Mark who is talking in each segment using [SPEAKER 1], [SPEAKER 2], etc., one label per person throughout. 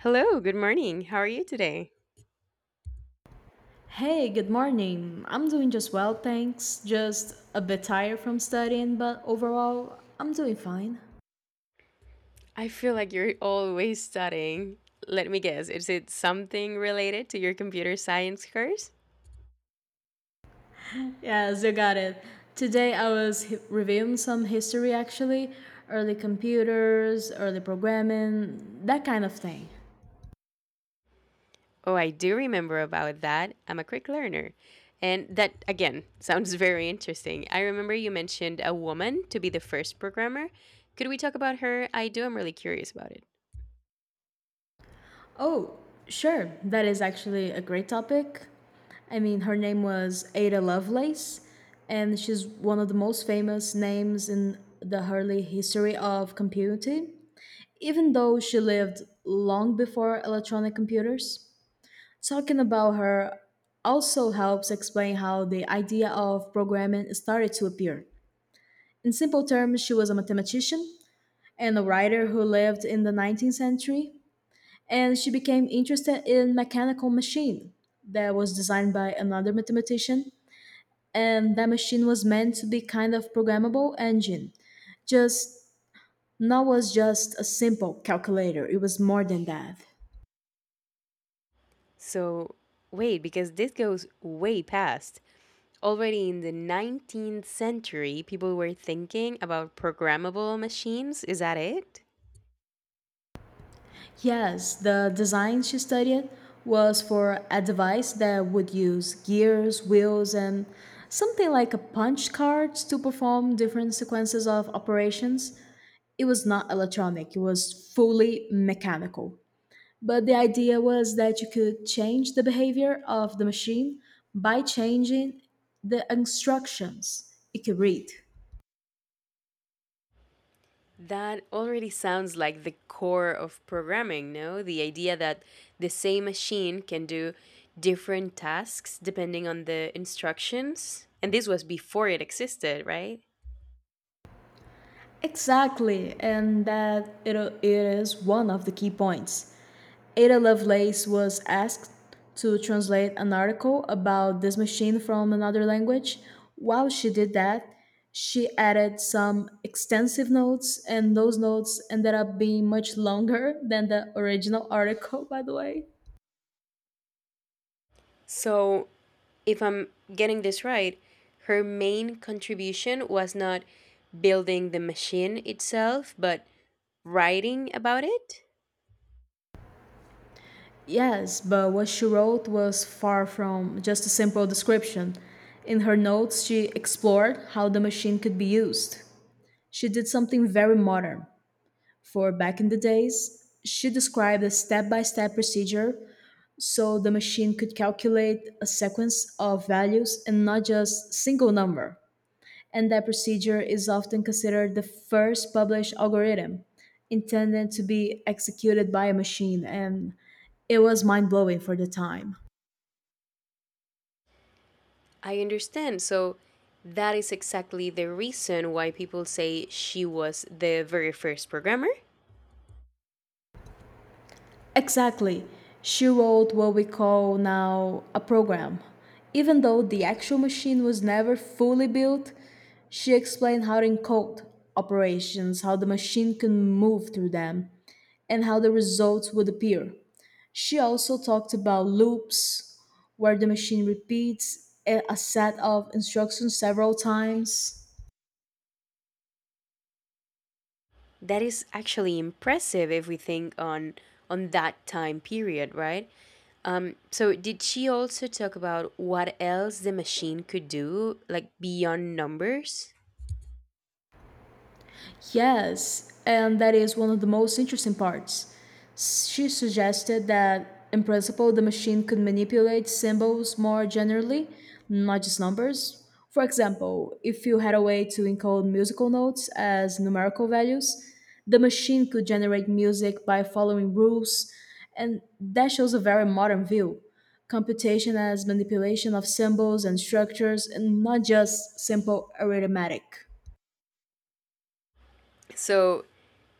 [SPEAKER 1] Hello, good morning. How are you today?
[SPEAKER 2] Hey, good morning. I'm doing just well, thanks. Just a bit tired from studying, but overall, I'm doing fine.
[SPEAKER 1] I feel like you're always studying. Let me guess, is it something related to your computer science course?
[SPEAKER 2] Yes, you got it. Today I was reviewing some history actually, early computers, early programming, that kind of thing.
[SPEAKER 1] Oh, I do remember about that. I'm a quick learner. And that, again, sounds very interesting. I remember you mentioned a woman to be the first programmer. Could we talk about her? I'm really curious about it.
[SPEAKER 2] Oh, sure, that is actually a great topic. I mean, her name was Ada Lovelace, and she's one of the most famous names in the early history of computing. Even though she lived long before electronic computers. Talking about her also helps explain how the idea of programming started to appear. In simple terms, she was a mathematician and a writer who lived in the 19th century, and she became interested in mechanical machine that was designed by another mathematician, and that machine was meant to be kind of programmable engine. Just not was just a simple calculator. It was more than that.
[SPEAKER 1] So, wait, because this goes way past. Already in the 19th century, people were thinking about programmable machines. Is that it?
[SPEAKER 2] Yes, the design she studied was for a device that would use gears, wheels, and something like a punch card to perform different sequences of operations. It was not electronic, it was fully mechanical. But the idea was that you could change the behavior of the machine by changing the instructions it could read.
[SPEAKER 1] That already sounds like the core of programming, no? The idea that the same machine can do different tasks depending on the instructions. And this was before it existed, right?
[SPEAKER 2] Exactly, and that it is one of the key points. Ada Lovelace was asked to translate an article about this machine from another language. While she did that, she added some extensive notes, and those notes ended up being much longer than the original article, by the way.
[SPEAKER 1] So, if I'm getting this right, her main contribution was not building the machine itself, but writing about it?
[SPEAKER 2] Yes, but what she wrote was far from just a simple description. In her notes, she explored how the machine could be used. She did something very modern for back in the days. She described a step by step procedure so the machine could calculate a sequence of values and not just single number. And that procedure is often considered the first published algorithm intended to be executed by a machine, and it was mind blowing for the time.
[SPEAKER 1] I understand. So that is exactly the reason why people say she was the very first programmer.
[SPEAKER 2] Exactly. She wrote what we call now a program. Even though the actual machine was never fully built, she explained how to encode operations, how the machine can move through them, and how the results would appear. She also talked about loops, where the machine repeats a set of instructions several times.
[SPEAKER 1] That is actually impressive if we think on that time period, right? So did she also talk about what else the machine could do, like beyond numbers?
[SPEAKER 2] Yes, and that is one of the most interesting parts. She suggested that, in principle, the machine could manipulate symbols more generally, not just numbers. For example, if you had a way to encode musical notes as numerical values, the machine could generate music by following rules, and that shows a very modern view. Computation as manipulation of symbols and structures, and not just simple arithmetic.
[SPEAKER 1] So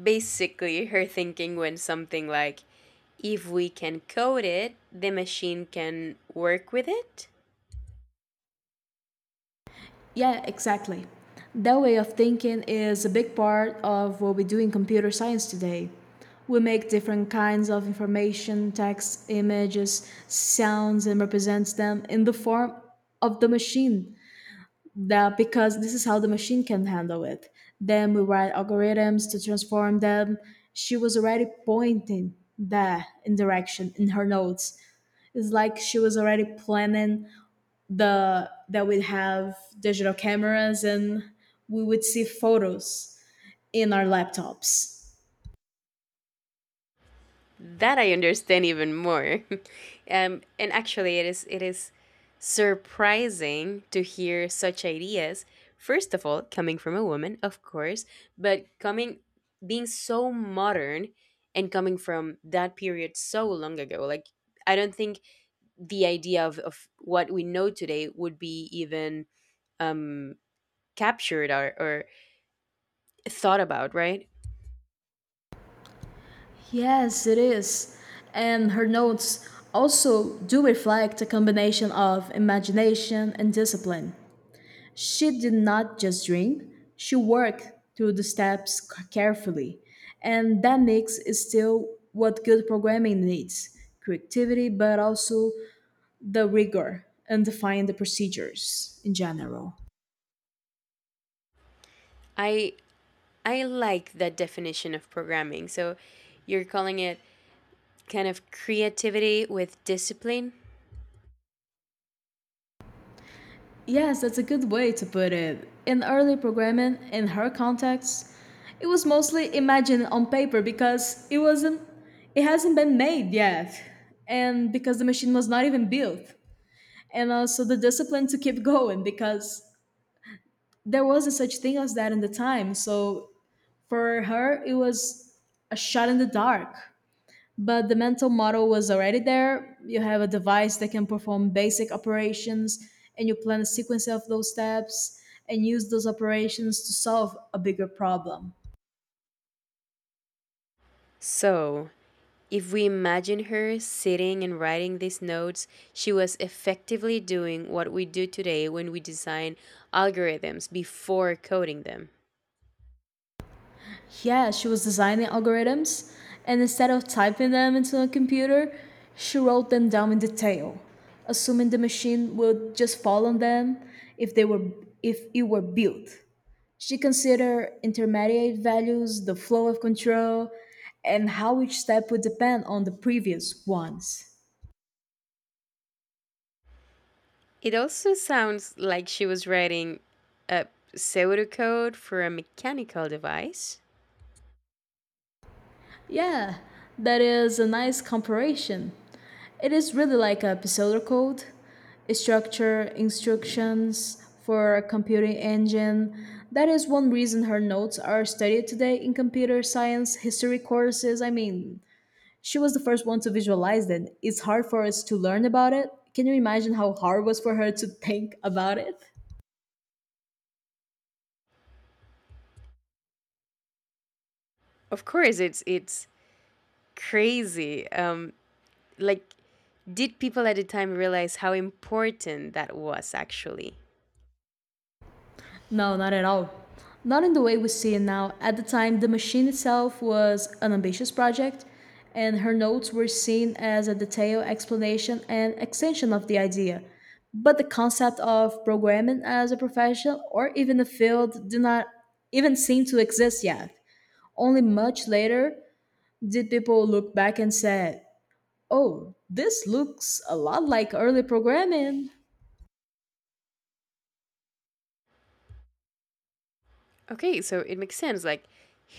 [SPEAKER 1] basically her thinking went something like if we can code it, the machine can work with it.
[SPEAKER 2] Yeah, exactly. That way of thinking is a big part of what we do in computer science today. We make different kinds of information, text, images, sounds, and represents them in the form of the machine. That because this is how the machine can handle it. Then we write algorithms to transform them. She was already pointing that in direction in her notes. It's like she was already planning the that we have digital cameras and we would see photos in our laptops.
[SPEAKER 1] That I understand even more. And actually, it is surprising to hear such ideas. First of all, coming from a woman, of course, but coming being so modern and coming from that period so long ago. Like I don't think the idea of what we know today would be even captured or thought about, right?
[SPEAKER 2] Yes, it is. And her notes also do reflect a combination of imagination and discipline. She did not just dream, she worked through the steps carefully. And that mix is still what good programming needs creativity, but also the rigor and define the procedures in general.
[SPEAKER 1] I I like that definition of programming. So you're calling it kind of creativity with discipline.
[SPEAKER 2] Yes, that's a good way to put it. In early programming, in her context, it was mostly imagined on paper because it hasn't been made yet. And because the machine was not even built. And also the discipline to keep going because there wasn't such thing as that in the time. So for her it was a shot in the dark, but the mental model was already there. You have a device that can perform basic operations, and you plan a sequence of those steps and use those operations to solve a bigger problem.
[SPEAKER 1] So, if we imagine her sitting and writing these notes, she was effectively doing what we do today when we design algorithms before coding them.
[SPEAKER 2] Yeah, she was designing algorithms, and instead of typing them into a computer, she wrote them down in detail, assuming the machine would just follow them if they were if it were built. She considered intermediate values, the flow of control, and how each step would depend on the previous ones.
[SPEAKER 1] It also sounds like she was writing a pseudocode for a mechanical device.
[SPEAKER 2] Yeah, that is a nice comparison. It is really like a Pisolar code, a structure, instructions for a computing engine. That is one reason her notes are studied today in computer science history courses. I mean, she was the first one to visualize it. It's hard for us to learn about it. Can you imagine how hard it was for her to think about it?
[SPEAKER 1] Of course, it's crazy. Like, did people at the time realize how important that was actually?
[SPEAKER 2] No, not at all. Not in the way we see it now. At the time, the machine itself was an ambitious project, and her notes were seen as a detailed explanation and extension of the idea. But the concept of programming as a profession or even a field did not even seem to exist yet. Only much later did people look back and say, "Oh, this looks a lot like early programming."
[SPEAKER 1] Okay, so it makes sense. Like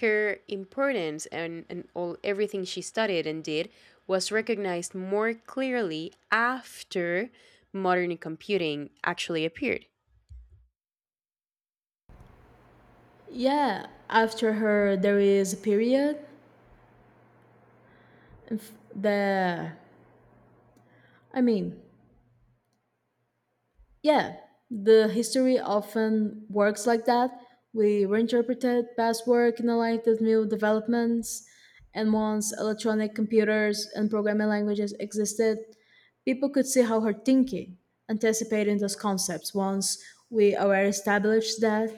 [SPEAKER 1] her importance and all everything she studied and did was recognized more clearly after modern computing actually appeared.
[SPEAKER 2] Yeah, after her there is a period. If The I mean, yeah, the history often works like that. We reinterpreted past work in alignment with new developments, and once electronic computers and programming languages existed, people could see how her thinking, anticipating those concepts. Once we already established that.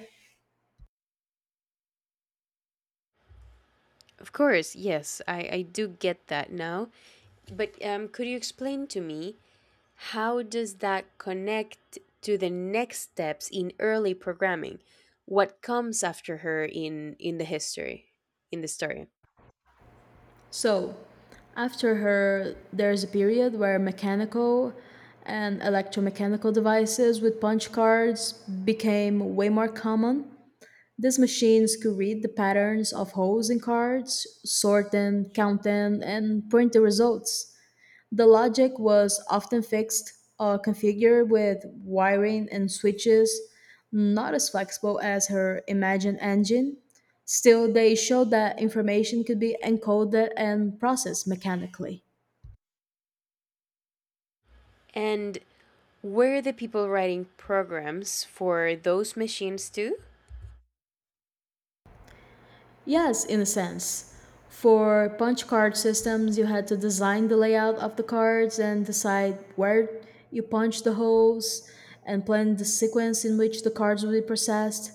[SPEAKER 1] Of course, yes, I do get that now. But could you explain to me how does that connect to the next steps in early programming? What comes after her in the history, in the story?
[SPEAKER 2] So, after her, there's a period where mechanical and electromechanical devices with punch cards became way more common. These machines could read the patterns of holes in cards, sort them, count them, and print the results. The logic was often fixed or configured with wiring and switches, not as flexible as her imagined engine. Still, they showed that information could be encoded and processed mechanically.
[SPEAKER 1] And were the people writing programs for those machines too?
[SPEAKER 2] Yes, in a sense. For punch card systems, you had to design the layout of the cards and decide where you punch the holes and plan the sequence in which the cards will be processed.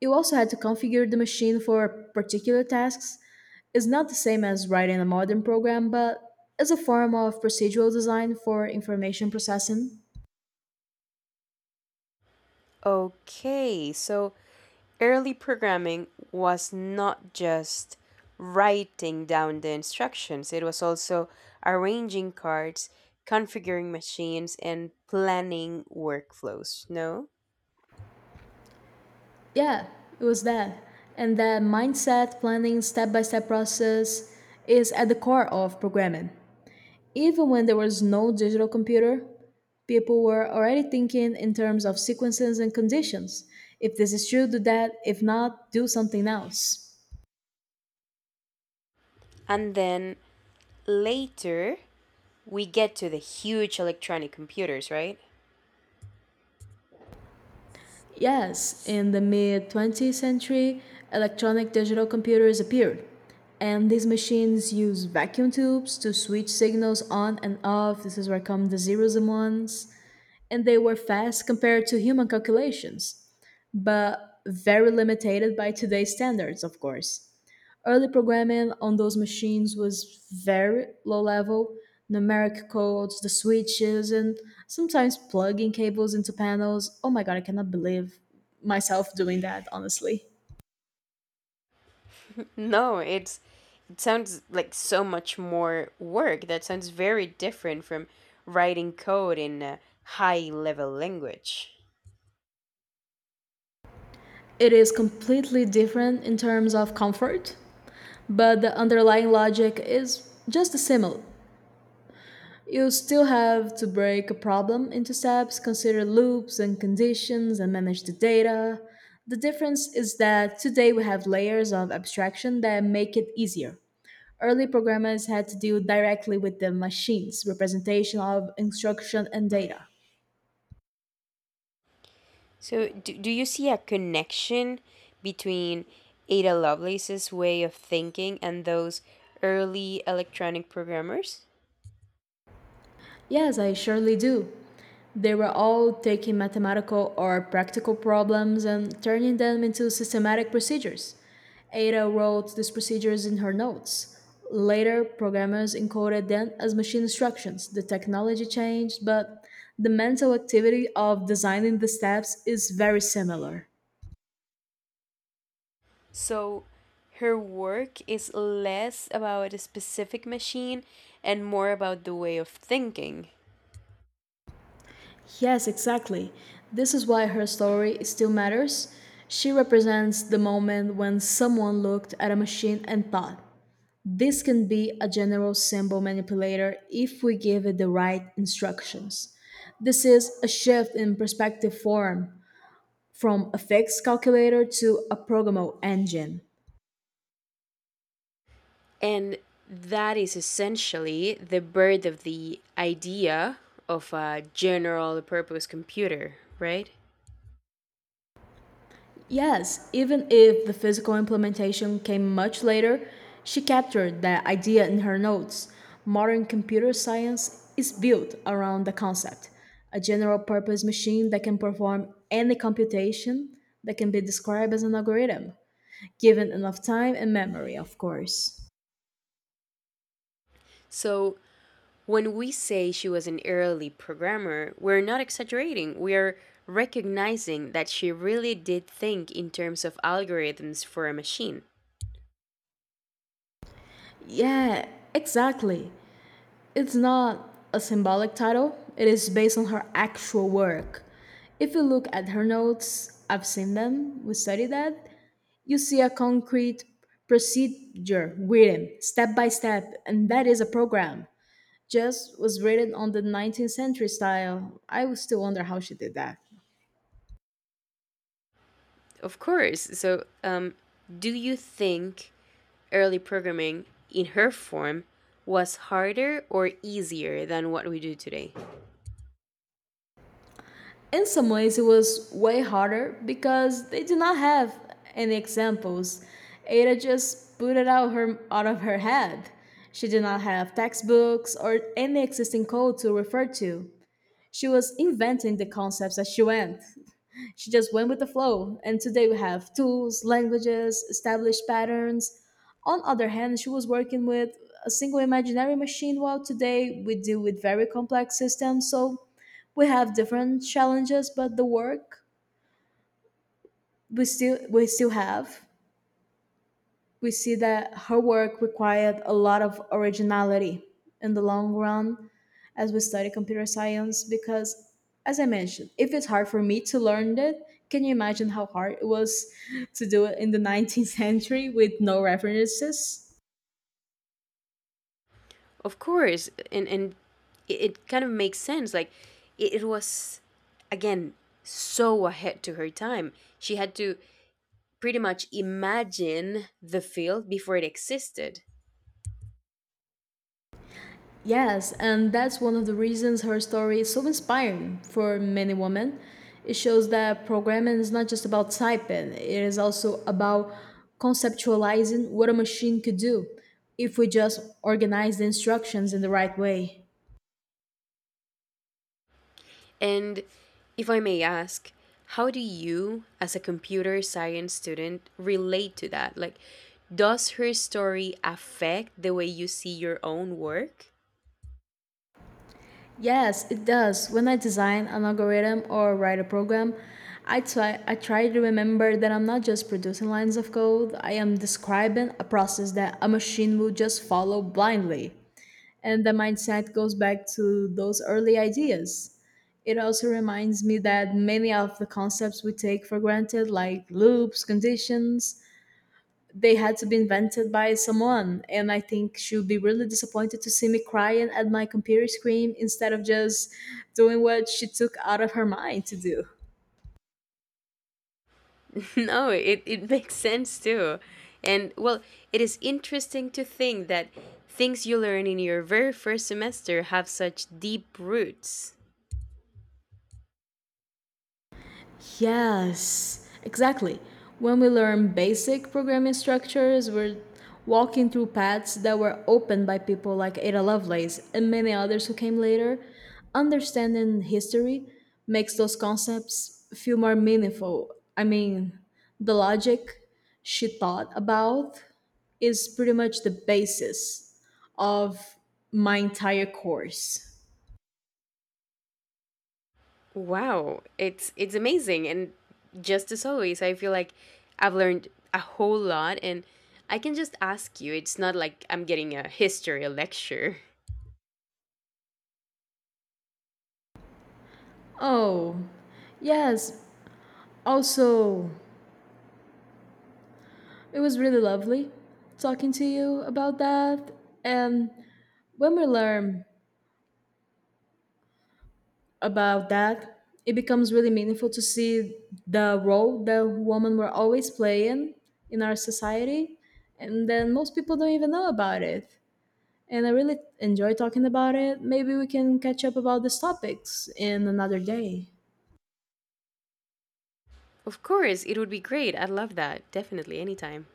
[SPEAKER 2] You also had to configure the machine for particular tasks is not the same as writing a modern program, but is a form of procedural design for information processing.
[SPEAKER 1] Okay, so early programming was not just writing down the instructions, it was also arranging cards, configuring machines, and planning workflows, no?
[SPEAKER 2] Yeah, it was that. And that mindset, planning, step by step process is at the core of programming. Even when there was no digital computer, people were already thinking in terms of sequences and conditions. If this is true, do that. If not, do something else.
[SPEAKER 1] And then later, we get to the huge electronic computers, right?
[SPEAKER 2] Yes, in the mid 20th century, electronic digital computers appeared, and these machines use vacuum tubes to switch signals on and off. This is where come the zeros and ones, and they were fast compared to human calculations, but very limited by today's standards, of course. Early programming on those machines was very low level numeric codes, the switches, and sometimes plugging cables into panels. Oh my god, I cannot believe myself doing that, honestly.
[SPEAKER 1] No, it sounds like so much more work. That sounds very different from writing code in a high level language.
[SPEAKER 2] It is completely different in terms of comfort, but the underlying logic is just similar. You still have to break a problem into steps, consider loops and conditions, and manage the data. The difference is that today we have layers of abstraction that make it easier. Early programmers had to deal directly with the machines, representation of instruction and data.
[SPEAKER 1] So, do you see a connection between Ada Lovelace's way of thinking and those early electronic programmers?
[SPEAKER 2] Yes, I surely do. They were all taking mathematical or practical problems and turning them into systematic procedures. Ada wrote these procedures in her notes. Later, programmers encoded them as machine instructions. The technology changed, but the mental activity of designing the steps is very similar.
[SPEAKER 1] So, her work is less about a specific machine and more about the way of thinking.
[SPEAKER 2] Yes, exactly. This is why her story still matters. She represents the moment when someone looked at a machine and thought, "This can be a general symbol manipulator if we give it the right instructions." This is a shift in perspective form from a fixed calculator to a programmable engine.
[SPEAKER 1] And that is essentially the birth of the idea of a general purpose computer, right?
[SPEAKER 2] Yes, even if the physical implementation came much later, she captured that idea in her notes. Modern computer science is built around the concept a general purpose machine that can perform any computation that can be described as an algorithm, given enough time and memory, of course.
[SPEAKER 1] So when we say she was an early programmer, we're not exaggerating. We are recognizing that she really did think in terms of algorithms for a machine.
[SPEAKER 2] Yeah, exactly. It's not a symbolic title, it is based on her actual work. If you look at her notes, I've seen them, we studied that, you see a concrete procedure written step by step, and that is a program. Just was written on the 19th century style. I would still wonder how she did that.
[SPEAKER 1] Of course. So, do you think early programming in her form was harder or easier than what we do today?
[SPEAKER 2] In some ways it was way harder because they did not have any examples. Ada just put it out of her head. She did not have textbooks or any existing code to refer to. She was inventing the concepts as she went. She just went with the flow, and today we have tools, languages, established patterns. On other hand, she was working with a single imaginary machine, while today we deal with very complex systems. So we have different challenges, but the work we still have we see that her work required a lot of originality in the long run as we study computer science because as I mentioned if it's hard for me to learn it, can you imagine how hard it was to do it in the 19th century with no references.
[SPEAKER 1] Of course, and it kind of makes sense. Like it was again so ahead to her time. She had to pretty much imagine the field before it existed.
[SPEAKER 2] Yes, and that's one of the reasons her story is so inspiring for many women. It shows that programming is not just about typing, it is also about conceptualizing what a machine could do if we just organize the instructions in the right way.
[SPEAKER 1] And if I may ask, how do you, as a computer science student, relate to that? Like, does her story affect the way you see your own work?
[SPEAKER 2] Yes, it does. When I design an algorithm or write a program, I try to remember that I'm not just producing lines of code, I am describing a process that a machine will just follow blindly. And the mindset goes back to those early ideas. It also reminds me that many of the concepts we take for granted, like loops, conditions, they had to be invented by someone. And I think she'll be really disappointed to see me crying at my computer screen instead of just doing what she took out of her mind to do.
[SPEAKER 1] No, it makes sense too. And well, it is interesting to think that things you learn in your very first semester have such deep roots.
[SPEAKER 2] Yes, exactly. When we learn basic programming structures, we're walking through paths that were opened by people like Ada Lovelace and many others who came later. Understanding history makes those concepts feel more meaningful. I mean, the logic she thought about is pretty much the basis of my entire course.
[SPEAKER 1] Wow, it's amazing and just as always, I feel like I've learned a whole lot and I can just ask you. It's not like I'm getting a history lecture.
[SPEAKER 2] Oh, yes. Also, it was really lovely talking to you about that. And when we learn about that, it becomes really meaningful to see the role that women were always playing in our society. And then most people don't even know about it. And I really enjoy talking about it. Maybe we can catch up about these topics in another day.
[SPEAKER 1] Of course, it would be great. I'd love that. Definitely anytime.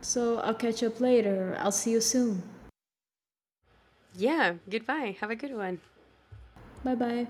[SPEAKER 2] So I'll catch up later. I'll see you soon.
[SPEAKER 1] Yeah, goodbye. Have a good one.
[SPEAKER 2] Bye bye.